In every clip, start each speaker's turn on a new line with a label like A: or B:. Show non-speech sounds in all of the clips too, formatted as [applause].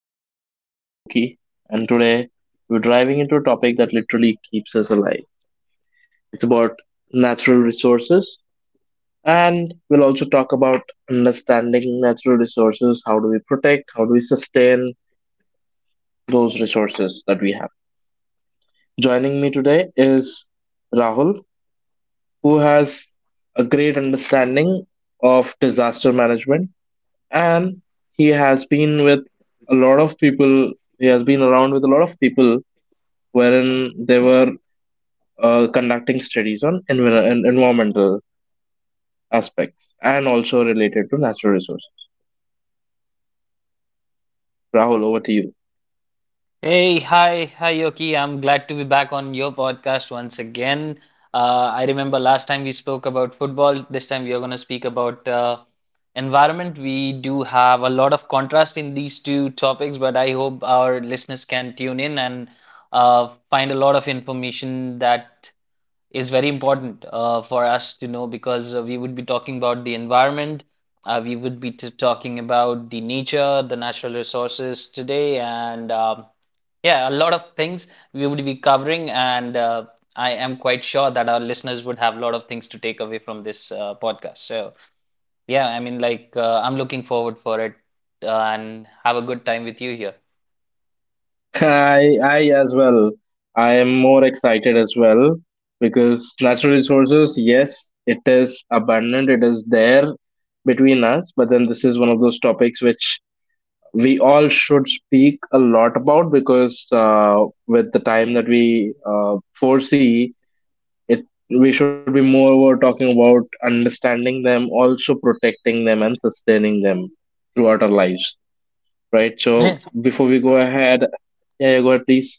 A: I'm your host, Yoki, and today we're driving into a topic that literally keeps us alive. It's about natural resources, and we'll also talk about understanding natural resources. How do we protect? How do we sustain those resources that we have? Joining me today is Rahul, who has a great understanding of disaster management and he has been with a lot of people he has been around with a lot of people wherein they were conducting studies on environmental aspects and also related to natural resources. Rahul, over to you.
B: Hey, hi, hi, Yoki. I'm glad to be back on your podcast once again. I remember last time we spoke about football. This time we are going to speak about environment. We do have a lot of contrast in these two topics, but I hope our listeners can tune in and find a lot of information that is very important for us to know because we would be talking about the environment, we would be t talking about the nature, the natural resources today, and yeah, a lot of things we would be covering. And I am quite sure that our listeners would have a lot of things to take away from this podcast. So yeah, I mean, like I'm looking forward for it and have a good time with you here.
A: [laughs] I as well. I am more excited as well because natural resources, yes, it is abundant, it is there between us, but then this is one of those topics which we all should speak a lot about because with the time that we foresee it, we should be more over talking about understanding them, also protecting them and sustaining them throughout our lives, right? So
B: Yeah.
A: before we go ahead, yeah, go ahead, please.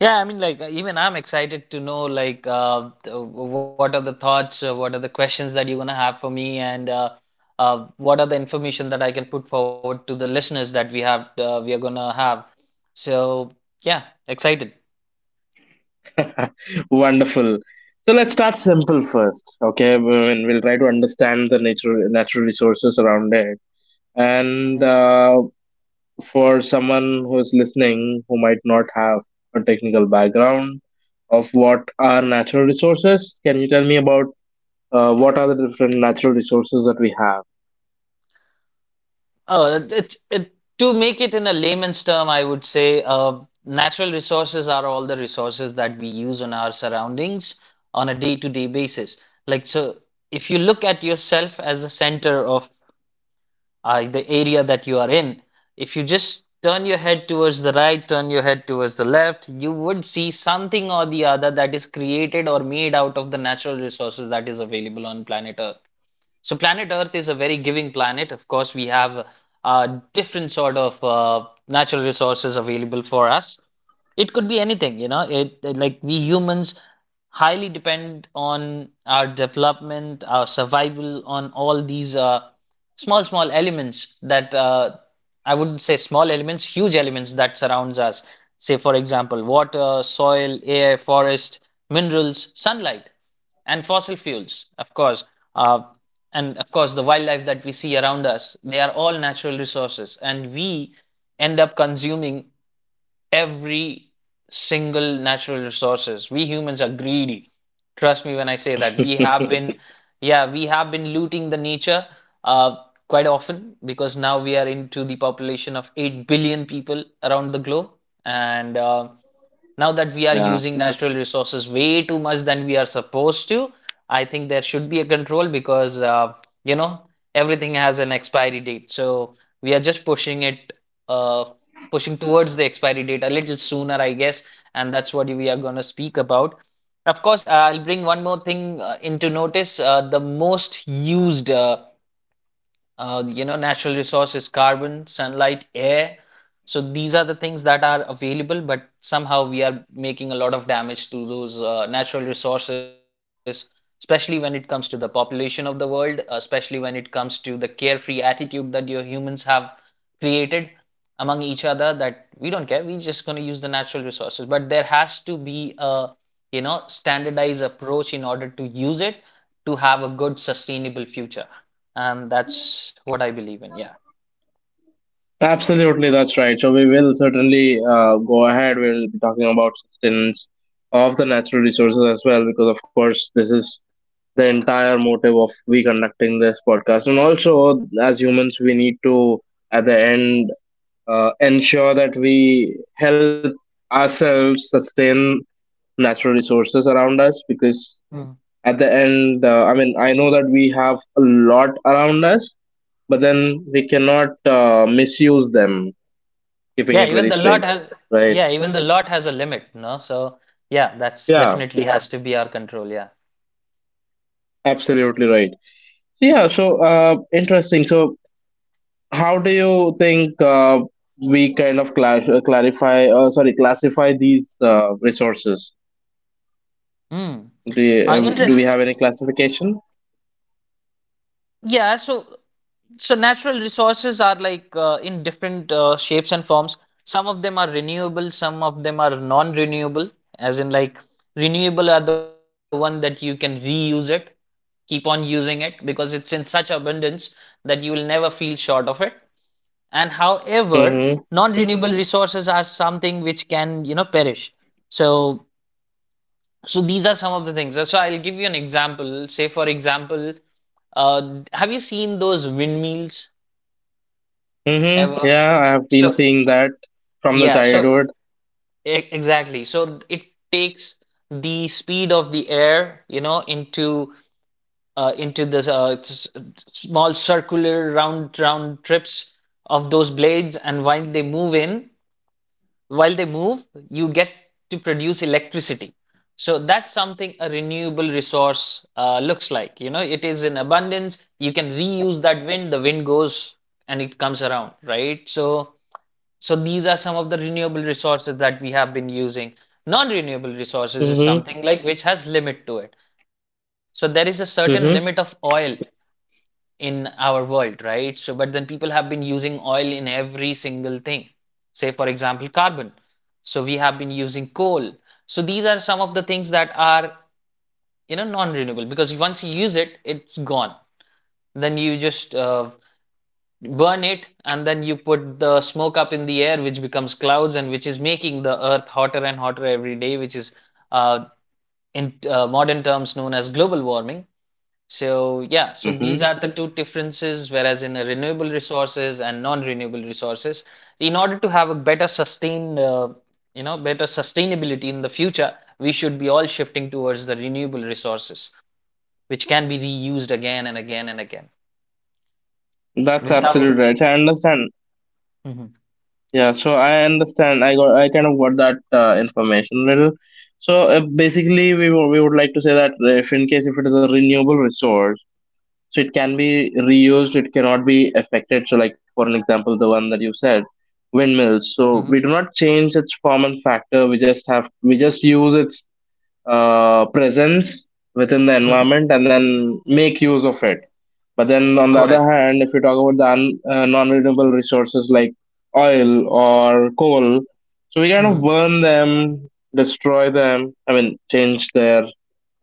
B: Yeah, I mean, like even I'm excited to know like what are the thoughts, what are the questions that you're gonna have for me, and what are the information that I can put forward to the listeners that we have we are gonna have. So yeah, excited.
A: [laughs] Wonderful. So let's start simple first. Okay, We- and we'll try to understand the nature natural resources around it,
B: Mhm.
A: and for someone who is listening who might not have a technical background of what are natural resources, can you tell me about what are the different natural resources that we have?
B: Oh, it to make it in a layman's term, I would say natural resources are all the resources that we use on our surroundings on a day-to-day basis. Like so, if you look at yourself as the center of the area that you are in. If you just turn your head towards the right, turn your head towards the left, you would see something or the other that is created or made out of the natural resources that is available on planet Earth. So, planet Earth is a very giving planet. Of course, we have a different sort of natural resources available for us. It could be anything, you know. Like we humans highly depend on our development, our survival, on all these small, small elements that I wouldn't say small elements, huge elements that surrounds us. Say, for example, water, soil, air, forest, minerals, sunlight, and fossil fuels, of course. Uh, and of course, the wildlife that we see around us, they are all natural resources, and we end up consuming every single natural resources. We humans are greedy. Trust me when I say that. We have
A: [laughs]
B: been, yeah, we have been looting the nature uh, quite often because now we are into the population of 8 billion people around the globe. And now that
A: Yeah,
B: we are using natural resources way too much than we are supposed to, I think there should be a control because you know everything has an expiry date. So we are just pushing it, uh, pushing towards the expiry date a little sooner, I guess, and that's what we are going to speak about. Of course, I'll bring one more thing into notice. The most used you know, natural resources, carbon, sunlight, air. So these are the things that are available, but somehow we are making a lot of damage to those natural resources, especially when it comes to the population of the world, especially when it comes to the carefree attitude that your humans have created among each other that we don't care, we're just going to use the natural resources. But there has to be a, you know, standardized approach in order to use it to have a good, sustainable future and that's what I believe in. Yeah.
A: absolutely, that's right. So we will certainly go ahead. We will be talking about sustenance of the natural resources as well, because of course this is the entire motive of we conducting this podcast, and also as humans we need to, at the end, ensure that we help ourselves sustain natural resources around us, because
B: Mm.
A: at the end, I mean, I know that we have a lot around us, but then we cannot misuse them, keeping
B: Yeah,
A: it
B: even
A: very
B: the
A: straight,
B: lot like has
A: right?
B: yeah, even the lot has a limit, no? So yeah, that's
A: Yeah,
B: definitely yeah, has to be our control, yeah.
A: absolutely right. Yeah, so interesting. So how do you think we kind of clarify, sorry, classify these resources?
B: Mm.
A: Do you, do we
B: Interest.
A: have any classification?
B: Yeah, so natural resources are like in different shapes and forms. Some of them are renewable, some of them are non-renewable, as in like renewable are the one that you can reuse it, keep on using it because it's in such abundance that you will never feel short of it. And however,
A: Mm-hmm.
B: non-renewable resources are something which can, you know, perish. So, so these are some of the things. So I'll give you an example. Say, for example, have you seen those windmills
A: Mm-hmm.
B: ever?
A: Yeah, I have been
B: So,
A: seeing that from the
B: yeah, so
A: childhood.
B: exactly. So it takes the speed of the air, you know, into this small circular round trips of those blades, and while they move, you get to produce electricity. So that's something a renewable resource looks like. You know, it is in abundance. You can reuse that wind. The wind goes and it comes around, right? So, so these are some of the renewable resources that we have been using. Non-renewable resources is
A: Mm-hmm.
B: something like which has limit to it. So there is a certain limit of
A: Mm-hmm.
B: oil in our world, right? So, but then people have been using oil in every single thing. Say, for example, carbon. So we have been using coal. So these are some of the things that are, you know, non-renewable because once you use it, it's gone. Then you just burn it and then you put the smoke up in the air, which becomes clouds and which is making the earth hotter and hotter every day, which is uh, in modern terms known as global warming. So yeah, so
A: Mm-hmm.
B: these are the two differences, whereas in a renewable resources and non-renewable resources, in order to have a better sustain, you know, better sustainability in the future, we should be all shifting towards the renewable resources, which can be reused again and again and again
A: That's absolutely
B: without.
A: right. I understand.
B: Mhm,
A: Yeah, so I understand. I kind of got that information little. So basically, we would like to say that if in case if it is a renewable resource, so it can be reused, it cannot be affected. So like for an example, the one that you said, windmills,
B: mhm,
A: so we do not change its form and factor. We just use its presence within the
B: mhm.
A: environment and then make use of it. But then on the other
B: Correct.
A: hand, if you talk about the non-renewable resources like oil or coal, so we kind of
B: Mhm.
A: burn them, destroy them, I mean change their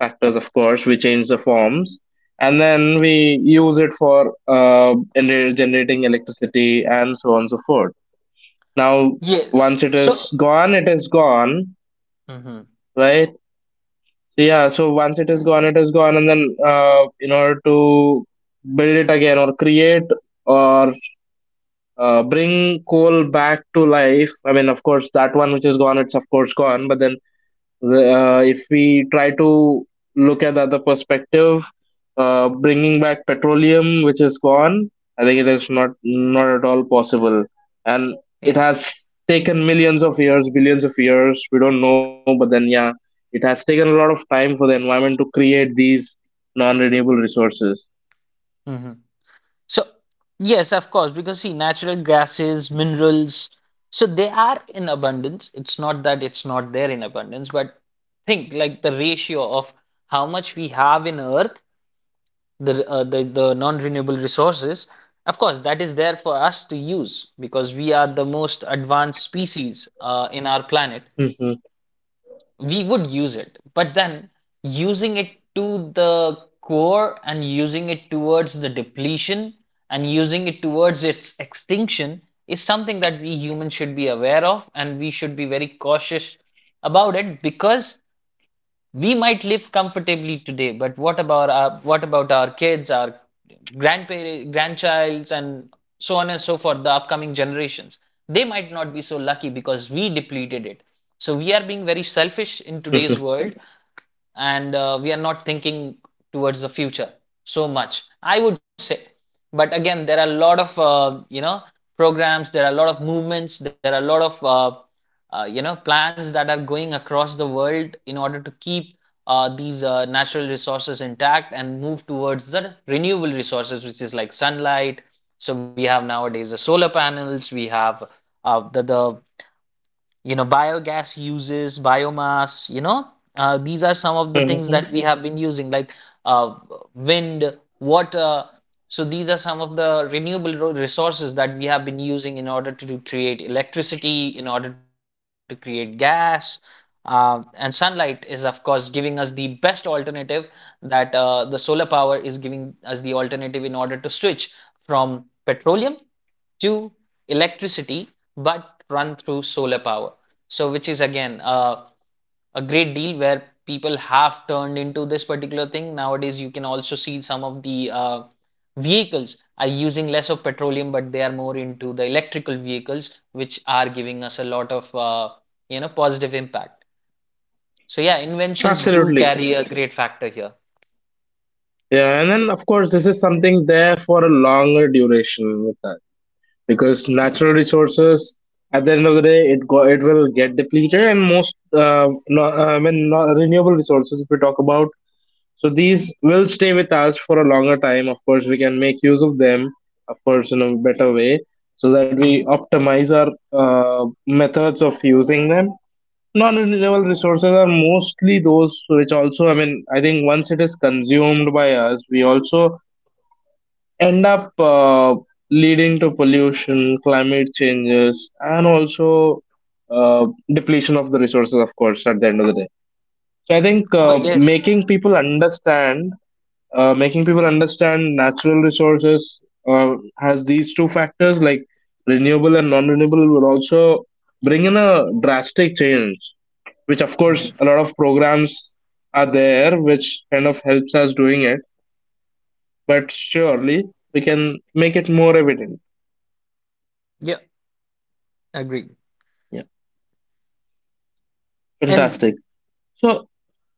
A: factors. Of course we change the forms, and then we use it for generating electricity and so on and so forth. Now,
B: Yes.
A: once it is
B: So.
A: gone, it is gone,
B: Mhm.
A: right? Yeah, so once it is gone it is gone, and then in order to build it again or create or bring coal back to life, I mean of course that one which is gone, it's of course gone, but then, uh, if we try to look at the other perspective, bringing back petroleum, which is gone, I think it is not, not at all possible, and it
B: Yeah.
A: has taken millions of years, billions of years. We don't know, but then, yeah, it has taken a lot of time for the environment to create these non-renewable resources.
B: Mhm. So, yes, of course, because see, natural gases, minerals, so they are in abundance. It's not that it's not there in abundance, but think like the ratio of how much we have in Earth, the non-renewable resources. Of course, that is there for us to use because we are the most advanced species in our planet
A: Mhm,
B: we would use it, but then using it to the core and using it towards the depletion and using it towards its extinction is something that we humans should be aware of and we should be very cautious about it because we might live comfortably today, but what about our kids, our grandparents, grandchilds, and so on and so forth, the upcoming generations? They might not be so lucky because we depleted it. So we are being very selfish in
A: mhm,
B: today's world and we are not thinking towards the future so much I would say but again there are a lot of you know programs there are a lot of movements there are a lot of you know plans that are going across the world in order to keep these natural resources intact and move towards the renewable resources which is like sunlight so we have nowadays the solar panels we have the you know, biogas uses, biomass, you know, these are some of the things that
A: mhm.
B: we
A: [laughs]
B: have been using, like uh, wind, water. So these are some of the renewable resources that we have been using in order to create electricity, in order to create gas. And sunlight is, of course, giving us the best alternative that the solar power is giving us the alternative in order to switch from petroleum to electricity but run through solar power. So, which is again a great deal where people have turned into this particular thing. Nowadays, you can also see some of the vehicles are using less of petroleum, but they are more into the electrical vehicles, which are giving us a lot of you know positive impact. So, yeah, inventions do
A: Absolutely.
B: carry a great factor here.
A: Yeah, and then of course this is something there for a longer duration with us, because
B: Yeah.
A: natural resources, at the end of the day, it will get depleted, and most, I mean, no, renewable resources if we talk about, so these will stay with us for a longer time. Of course we can make use of them, of course in a better way, so that we
B: Mhm.
A: optimize our methods of using them. Non-renewable resources are mostly those which also, I mean, I think once it is consumed by us, we also end up leading to pollution, climate changes, and also uh, depletion of the resources, of course, at the end of the day. So I think
B: Oh, yes.
A: making people
B: Mhm.
A: understand natural resources has these two factors, like renewable and non-renewable, will also bring in a drastic change. Which, of course,
B: Mhm.
A: a lot of programs are there, which kind of helps us doing it. But surely we can make it more evident.
B: Yeah, agreed.
A: Yeah,
B: And
A: fantastic. So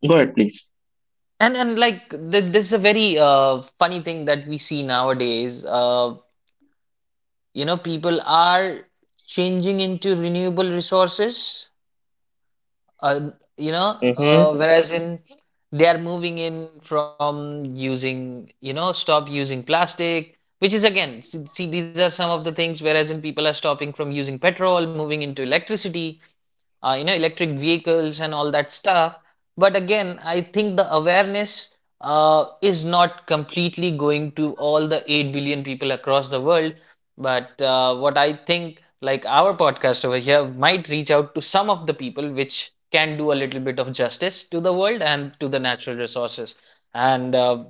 A: go ahead, please.
B: and like th this is a very funny thing that we see nowadays. You know, people are changing into renewable resources uh, you know,
A: Mm-hmm.
B: whereas in they are moving in from using, you know, stop using plastic, which is again, see, see, these are some of the things. Whereas in people are stopping from using petrol, moving into electricity, you know, electric vehicles and all that stuff. But again, I think the awareness is not completely going to all the 8 billion people across the world. But what I think, like our podcast over here, might reach out to some of the people which can do a little bit of justice to the world and to the natural resources. And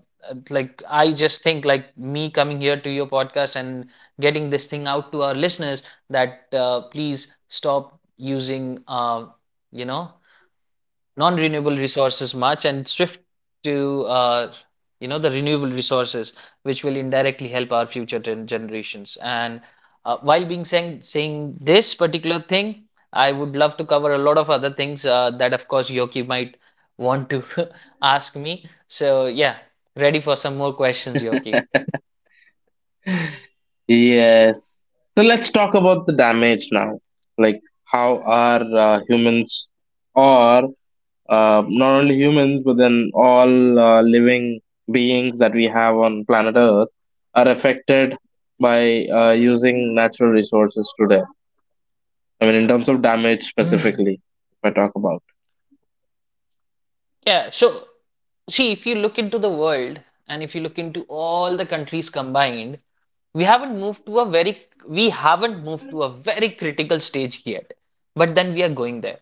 B: I just think, me coming here to your podcast and getting this thing out to our listeners that please stop using, you know, non-renewable resources much and shift to you know, the renewable resources, which will indirectly help our future generations. And while being saying saying this particular thing, I would love to cover a lot of other things that, of course, Yoki might want to [laughs] ask me. So yeah, ready for some more questions, Yoki?
A: Yes. So let's talk about the damage now. Like, how are humans, or not only humans, but then all living beings that we have on planet Earth are affected by using natural resources today. I mean, in terms of damage
B: Hmm.
A: specifically, if I talk about.
B: Yeah, so see, if you look into the world and if you look into all the countries combined, we haven't moved to a very critical stage yet. But then we are going there.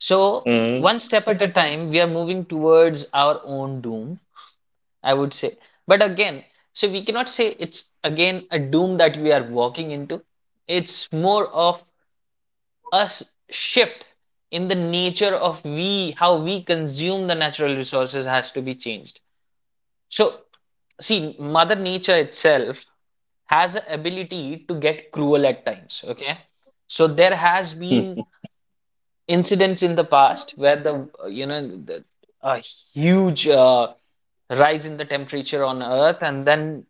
B: So
A: Mm-hmm.
B: one step at a time, we are moving towards our own doom, I would say. But again, so we cannot say it's again a doom that we are walking into. It's more of us shift in the nature of we how we consume the natural resources has to be changed. So see, Mother Nature itself has a ability to get cruel at times, okay? So there has been incidents in the past where the, you know, the, a huge rise in the temperature on Earth, and then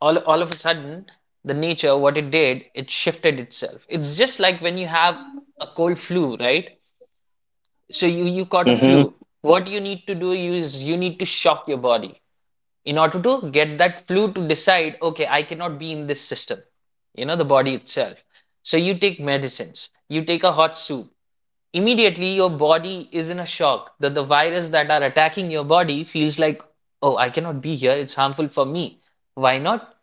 B: all of a sudden, the nature, what it did, it shifted itself. It's just like when you have a cold flu, right? So you caught a
A: Mm-hmm.
B: flu. What you need to do is you need to shock your body in order to get that flu to decide, okay, I cannot be in this system, you know, the body itself. So you take medicines, you take a hot soup. Immediately, your body is in a shock that the virus that are attacking your body feels like, oh, I cannot be here. It's harmful for me. Why not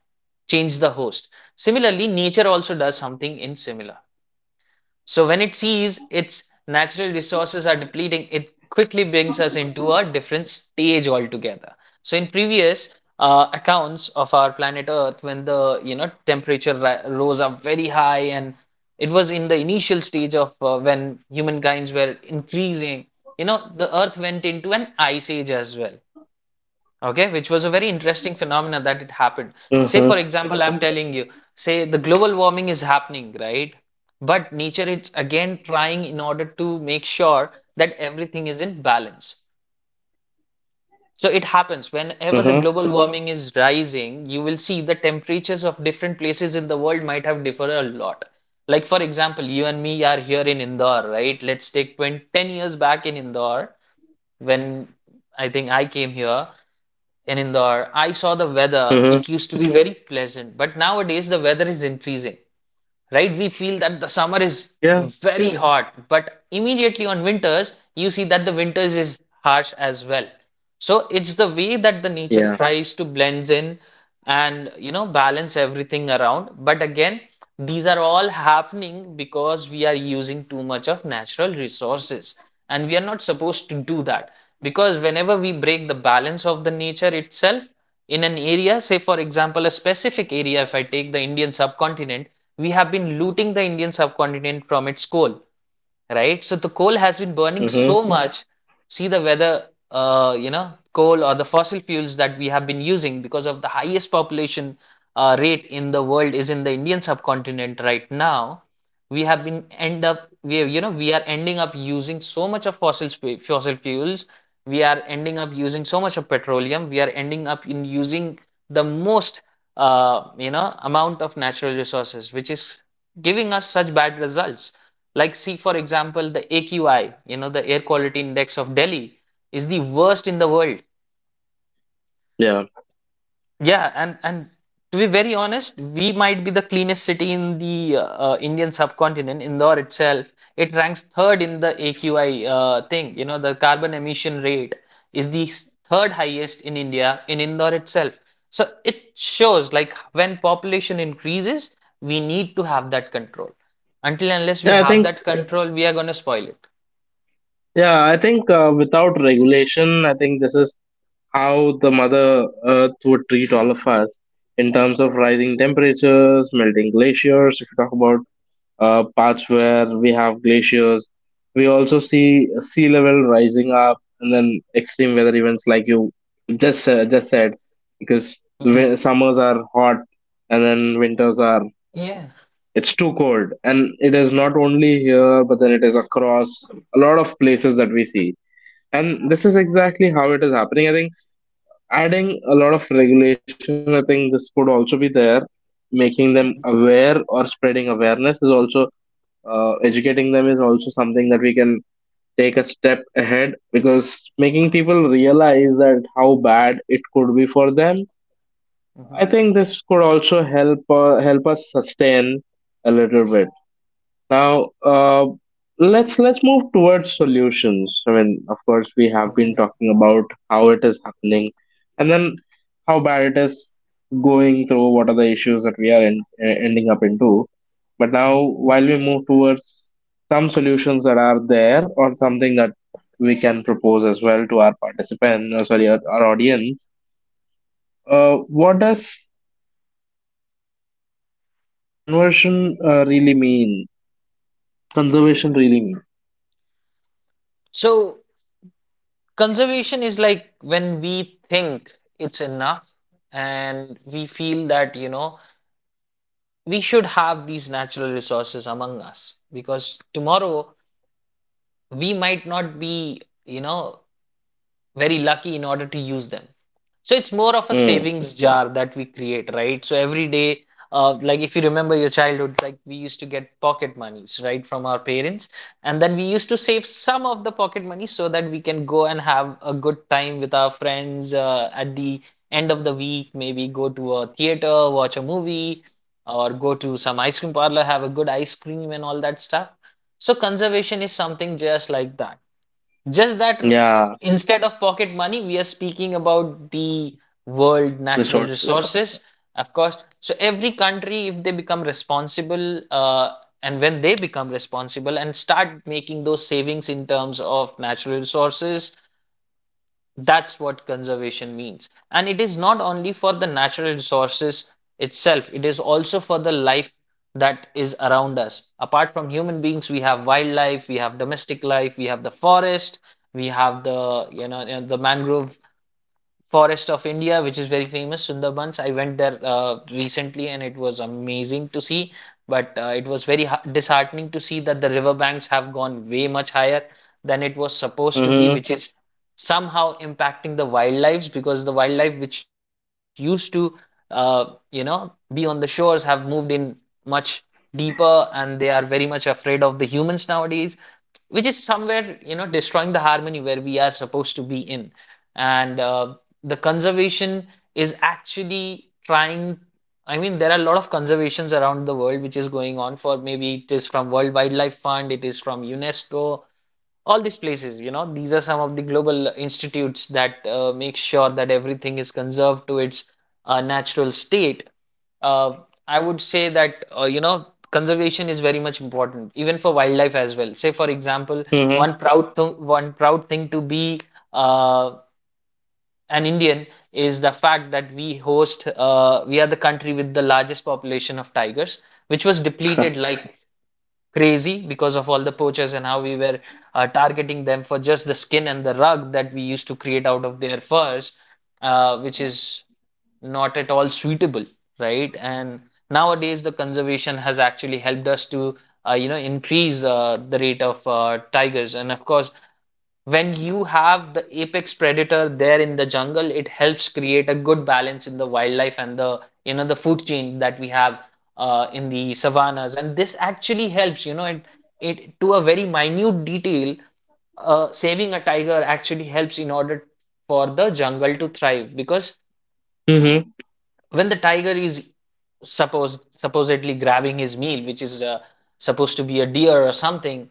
B: change the host? Similarly, nature also does something in similar. So when it sees its natural resources are depleting, it quickly brings us into a different stage altogether. So in previous accounts of our planet Earth, when the you know temperature rose up very high, and it was in the initial stage of when humankind's were increasing, you know, the Earth went into an ice age as well, okay, which was a very interesting
A: Mm-hmm.
B: phenomena that it happened. Say for example, I'm telling you, say the global warming is happening, right? But nature is again trying in order to make sure that everything is in balance. So it
A: Mm-hmm.
B: happens whenever the global warming is rising, you will see the temperatures of different places in the world might have differed a lot. Like for example, you and me are here in Indore, right? Let's take 20, 10 years back in Indore, when I think I came here in Indore, I
A: Mm-hmm.
B: saw the weather. It used to be very pleasant, but nowadays the weather is increasing, right? We feel that the
A: Yeah.
B: summer is very hot, but immediately on winters, you see that the winters is harsh as well. So it's the way
A: Yeah.
B: that the nature tries to blends in and you know balance everything around. But again, these are all happening because we are using too much of natural resources, and we are not supposed to do that because whenever we break the balance of the nature itself, in an area, say for example, a specific area, if I take the Indian subcontinent, we have been looting the Indian subcontinent from its coal, right? So the coal has been burning
A: Mm-hmm.
B: so much. See the weather, you know, coal or the fossil fuels that we have been using because of the highest population rate in the world is in the Indian subcontinent right now. We have been end up we You know, we are ending up using so much of fossil fuels. We are ending up using so much of petroleum. We are ending up in using the most you know amount of natural resources, which is giving us such bad results. Like see for example, the AQI, you know, the air quality index of Delhi is the worst in the world.
A: Yeah.
B: Yeah, and to be very honest, we might be the cleanest city in the Indian subcontinent. Indore itself, it ranks third in the AQI thing. You know, the carbon emission rate is the third highest in India in Indore itself. So it shows like when population increases, we need to have that control. Until unless we
A: Yeah, I
B: have
A: think
B: that Correct. Control, we are going to spoil it.
A: yeah, I think without regulation, I think this is how the mother earth would treat all of us in terms of rising temperatures, melting glaciers. If you talk about parts where we have glaciers, we also see sea level rising up, and then extreme weather events like you just said, because
B: Mhm.
A: summers are hot and then winters are,
B: Yeah.
A: it's too cold, and it is not only here, but then it is across a lot of places that we see. And this is exactly how it is happening. I think adding a lot of regulation, I think this could also be there. Making them aware or spreading awareness is also, educating them, is also something that we can take a step ahead, because making people realize that how bad it could be for them, I think this could also help help us sustain a little bit. Now, let's move towards solutions. I mean, of course, we have been talking about how it is happening, and then how bad it is going through. What are the issues that we are in, eh, ending up into? But now,
B: Mhm.
A: while we move towards some solutions that are there, or something that we can propose as well to our our audience. What does conversion really mean? Conservation really mean?
B: So conservation is like when we think it's enough and we feel that, you know, we should have these natural resources among us because tomorrow we might not be, you know, very lucky in order to use them. So it's more of a
A: Mm,
B: savings jar that we create, right? So every day, like if you remember your childhood, like we used to get pocket monies, right, from our parents, and then we used to save some of the pocket money so that we can go and have a good time with our friends at the end of the week. Maybe go to a theater, watch a movie, or go to some ice cream parlor, have a good ice cream and all that stuff. So conservation is something just like that. Just that
A: yeah.
B: instead of pocket money, we are speaking about the world natural
A: Resources.
B: resources, of course. So every country, if they become responsible, and when they become responsible and start making those savings in terms of natural resources, that's what conservation means. And it is not only for the natural resources itself, it is also for the life that is around us. Apart from human beings, we have wildlife, we have domestic life, we have the forest, we have the you know the mangrove forest of India, which is very famous, Sundarbans. I went there recently and it was amazing to see, but it was very disheartening to see that the riverbanks have gone way much higher than it was supposed to be,
A: Mm-hmm.
B: which is somehow impacting the wildlife because the wildlife which used to, uh, you know, be on the shores have moved in much deeper, and they are very much afraid of the humans nowadays, which is somewhere you know destroying the harmony where we are supposed to be in. And the conservation is actually trying, I mean, there are a lot of conservations around the world which is going on. For maybe it is from World Wildlife Fund, it is from UNESCO, all these places, you know, these are some of the global institutes that make sure that everything is conserved to its natural state. uh, I would say that you know, conservation is very much important even for wildlife as well. Say for example,
A: Mm-hmm.
B: one proud thing to be uh, an Indian is the fact that we are the country with the largest population of tigers, which was depleted like crazy because of all the poachers and how we were targeting them for just the skin and the rug that we used to create out of their furs, which is not at all suitable, right? And nowadays, the conservation has actually helped us to, increase the rate of tigers. And of course, when you have the apex predator there in the jungle, it helps create a good balance in the wildlife and the you know the food chain that we have in the savannas, and this actually helps. You know, it to a very minute detail, saving a tiger actually helps in order for the jungle to thrive, because
A: [laughs] Mm-hmm.
B: when the tiger is supposedly grabbing his meal, which is supposed to be a deer or something,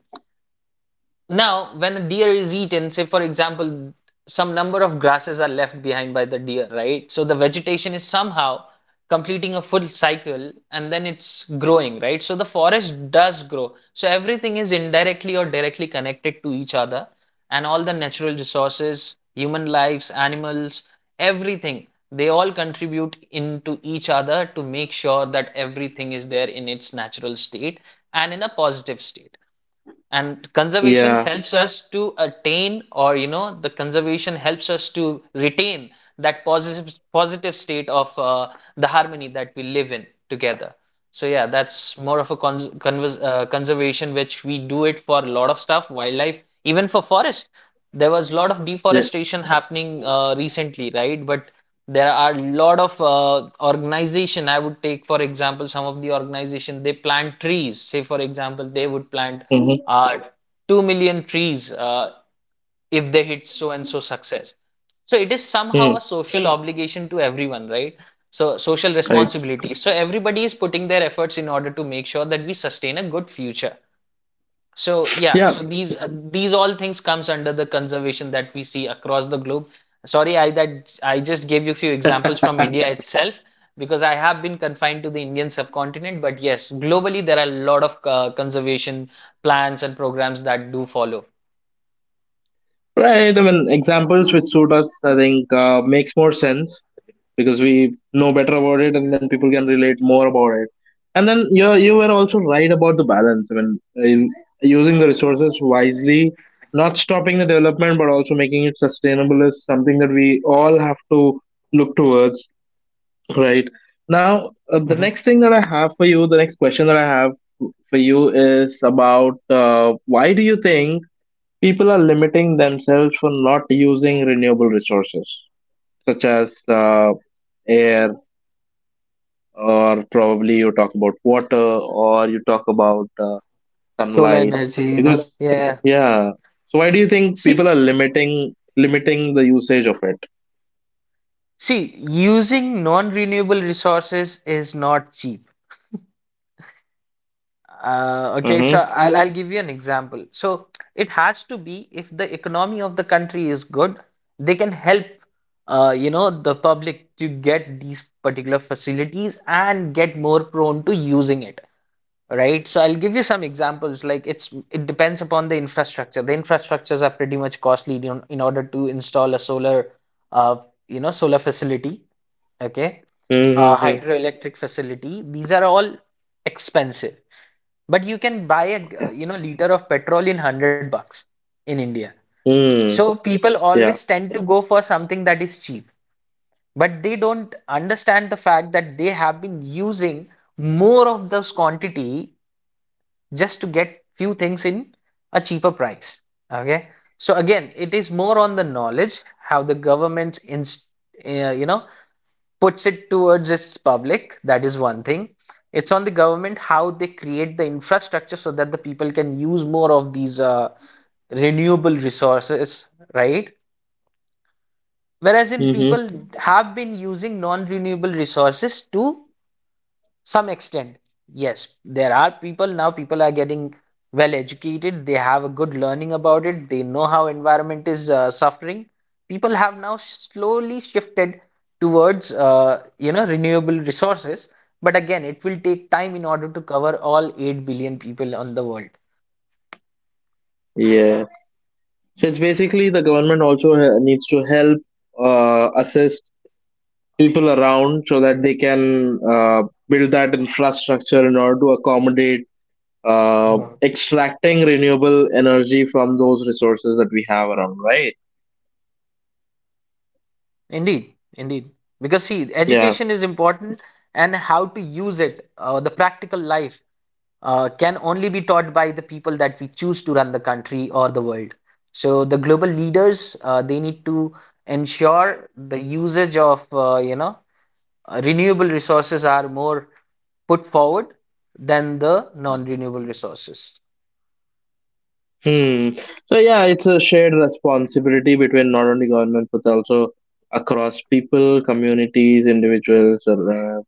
B: now, when a deer is eaten, say for example, some number of grasses are left behind by the deer, right? So the vegetation is somehow completing a full cycle and then it's growing, right? So the forest does grow. So everything is indirectly or directly connected to each other, and all the natural resources, human lives, animals, everything, they all contribute into each other to make sure that everything is there in its natural state and in a positive state. And conservation
A: Yeah.
B: helps us to attain, or you know, the conservation helps us to retain that positive state of the harmony that we live in together. So yeah, that's more of a conservation, which we do it for a lot of stuff, wildlife, even for forest. There was a lot of
A: Yeah.
B: deforestation happening recently, right? But there are a lot of organization. I would take, for example, some of the organization they plant trees. Say, for example, they would plant
A: Mm-hmm.
B: uh, 2 million trees if they hit so and so success. So it is somehow
A: Mm.
B: a social obligation to everyone, right? So social
A: Right.
B: responsibility. So everybody is putting their efforts in order to make sure that we sustain a good future. So yeah,
A: Yeah.
B: so these all things comes under the conservation that we see across the globe. Sorry, I just gave you few
A: [laughs]
B: examples from
A: Right.
B: India itself because I have been confined to the Indian subcontinent, but yes, globally there are a lot of conservation plans and programs that do follow.
A: I mean, examples which suit us, I think, makes more sense, because we know better about it, and then people can relate more about it. And then you were also right about the balance. I mean, using the resources wisely, not stopping the development, but also making it sustainable is something that we all have to look towards. Right.
B: Mhm.
A: Now, the next thing that I have for you, the next question that I have for you is about why do you think people are limiting themselves for not using renewable resources such as air, or probably you talk about water, or you talk about
B: Solar
A: sunlight?
B: energy, no?
A: Because,
B: Yeah.
A: yeah. So, why do you think people
B: See,
A: are limiting the usage of it?
B: see, using non-renewable resources is not cheap. Okay, so
A: Mm-hmm.
B: I'll give you an example. So it has to be, if the economy of the country is good, they can help, you know, the public to get these particular facilities and get more prone to using it, right? So I'll give you some examples. Like it depends upon the infrastructure. The infrastructures are pretty much costly in order to install a solar, uh, you know, solar facility. Okay,
A: Mm-hmm.
B: hydroelectric facility. These are all expensive, but you can buy a
A: Okay.
B: you know, liter of petrol in 100 bucks in India.
A: Mm.
B: So people
A: Yeah.
B: always tend to go for something that is cheap, but they don't understand the fact that they have been using more of those quantity just to get few things in a cheaper price. Okay. So again, it is more on the knowledge, how the government inst you know, puts it towards its public. That is one thing. It's on the government how they create the infrastructure so that the people can use more of these renewable resources, right? Whereas in
A: Mm-hmm.
B: people have been using non renewable resources to some extent. Yes, there are people now people are getting well educated. They have a good learning about it. They know how environment is suffering. People have now slowly shifted towards you know, renewable resources, but again it will take time in order to cover all 8 billion people on the world.
A: Yeah. So it's basically the government also needs to help assist people around so that they can build that infrastructure in order to accommodate uh,
B: Mhm.
A: extracting renewable energy from those resources that we have around, right?
B: Indeed, indeed. Because see, education is
A: Yeah.
B: important, and how to use it, the practical life can only be taught by the people that we choose to run the country or the world. So the global leaders, they need to ensure the usage of renewable resources are more put forward than the non-renewable resources.
A: Hmm. So yeah, it's a shared responsibility between not only government but also across people, communities, individuals, or uh,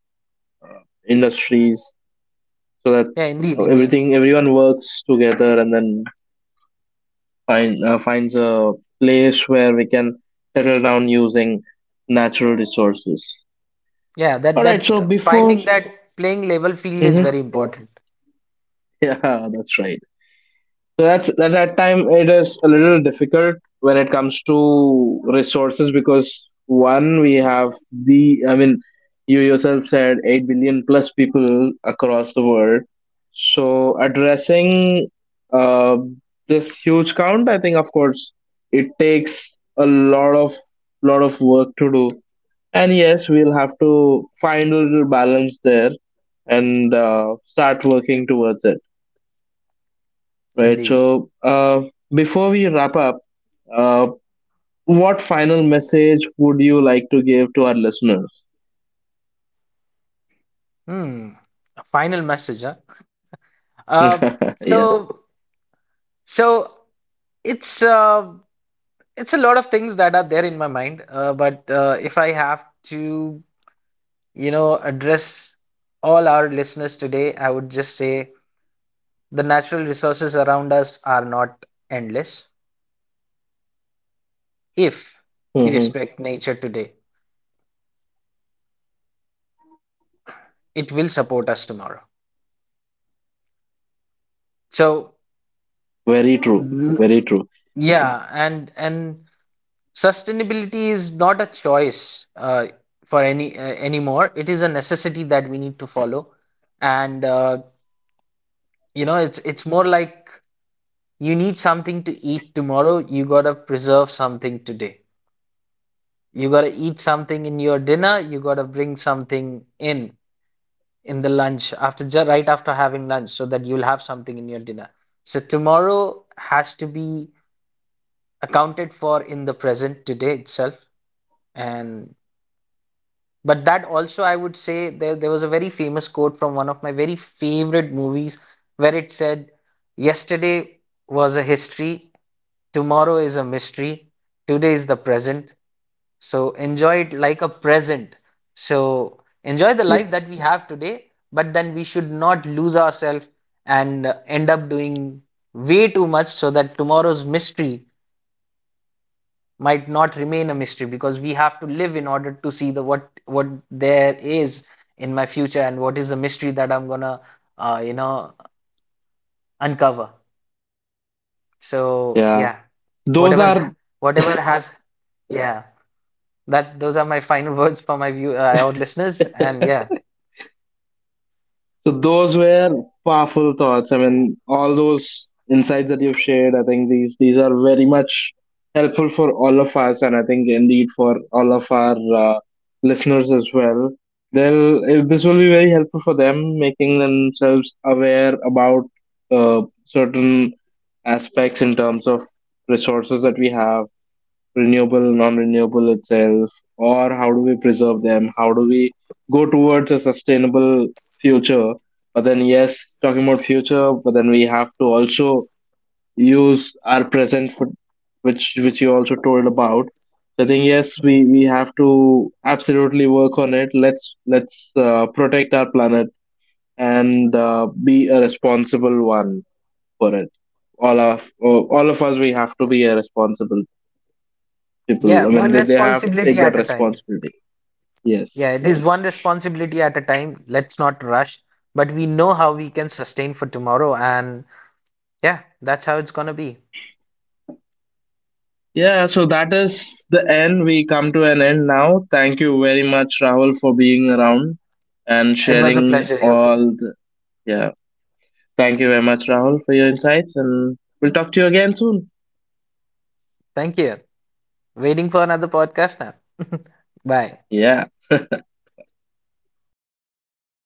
A: industries, so that
B: Yeah, indeed, indeed.
A: everything everyone works together and then finds a place where we can settle down using natural resources.
B: Yeah, that
A: All right. So
B: that
A: before,
B: finding that playing level field is
A: mhm.
B: very important.
A: [laughs] Yeah, that's right. So that's at that at time it is a little difficult when it comes to resources, because one, we have the, I mean, you yourself said 8 billion plus people across the world. So addressing uh, this huge count, I think of course it takes a lot of work to do. And yes, we'll have to find a little balance there and start working towards it, right?
B: Indeed.
A: So, before we wrap up, uh, what final message would you like to give to our listeners?
B: Hmm. Final message, huh? Uh,
A: [laughs]
B: so
A: Yeah.
B: so it's uh, It's a lot of things that are there in my mind, but if I have to, you know, address all our listeners today, I would just say the natural resources around us are not endless. If we respect nature today,
A: Hmm.
B: it will support us tomorrow. So,
A: Very true.
B: n-
A: Very true.
B: yeah, and sustainability is not a choice for any anymore. It is a necessity that we need to follow, and you know, it's more like, you need something to eat tomorrow, you gotta preserve something today. You gotta eat something in your dinner, you gotta bring something in the lunch right after having lunch so that you'll have something in your dinner. So tomorrow has to be accounted for in the present today itself, and But that also, I would say, there was a very famous quote from one of my very favorite movies where it said, yesterday was a history, tomorrow is a mystery, today is the present. So enjoy it like a present. So enjoy the life that we
A: Yeah.
B: have today, but then we should not lose ourselves and end up doing way too much so that tomorrow's mystery might not remain a mystery, because we have to live in order to see the what there is in my future and what is the mystery that I'm gonna uh, you know uncover. So yeah,
A: Yeah.
B: whatever's
A: Those are.
B: whatever has yeah that those are my final [laughs] words for my view our listeners, and yeah.
A: So those were powerful thoughts. I mean, all those insights that you've shared, I think these are very much helpful for all of us, and I think indeed for all of our uh, listeners as well. They'll, eh, this will be very helpful for them, making themselves aware about uh, certain aspects in terms of resources that we have, renewable, non-renewable itself, or how do we preserve them? How do we go towards a sustainable future? But then, yes, talking about future, but then we have to also use our present, for, which you also told about. So I think yes, we have to absolutely work on it. Let's protect our planet and be a responsible one for it. All of us, we have to be a responsible
B: Yeah,
A: people. I mean,
B: one
A: they have to
B: responsibility
A: take that
B: at a time.
A: responsibility. Yes.
B: Yeah, it is one responsibility at a time. Let's not rush, but we know how we can sustain for tomorrow, and yeah, that's how it's gonna be.
A: Yeah, so that is the end. We come to an end now. Thank you very much, Rahul, for being around and
B: It was a
A: sharing
B: pleasure,
A: all.
B: Yoki.
A: The, yeah. Thank you very much, Rahul, for your insights. And we'll talk to you again soon.
B: Thank you. Waiting for another podcast now. [laughs] Bye.
A: Yeah.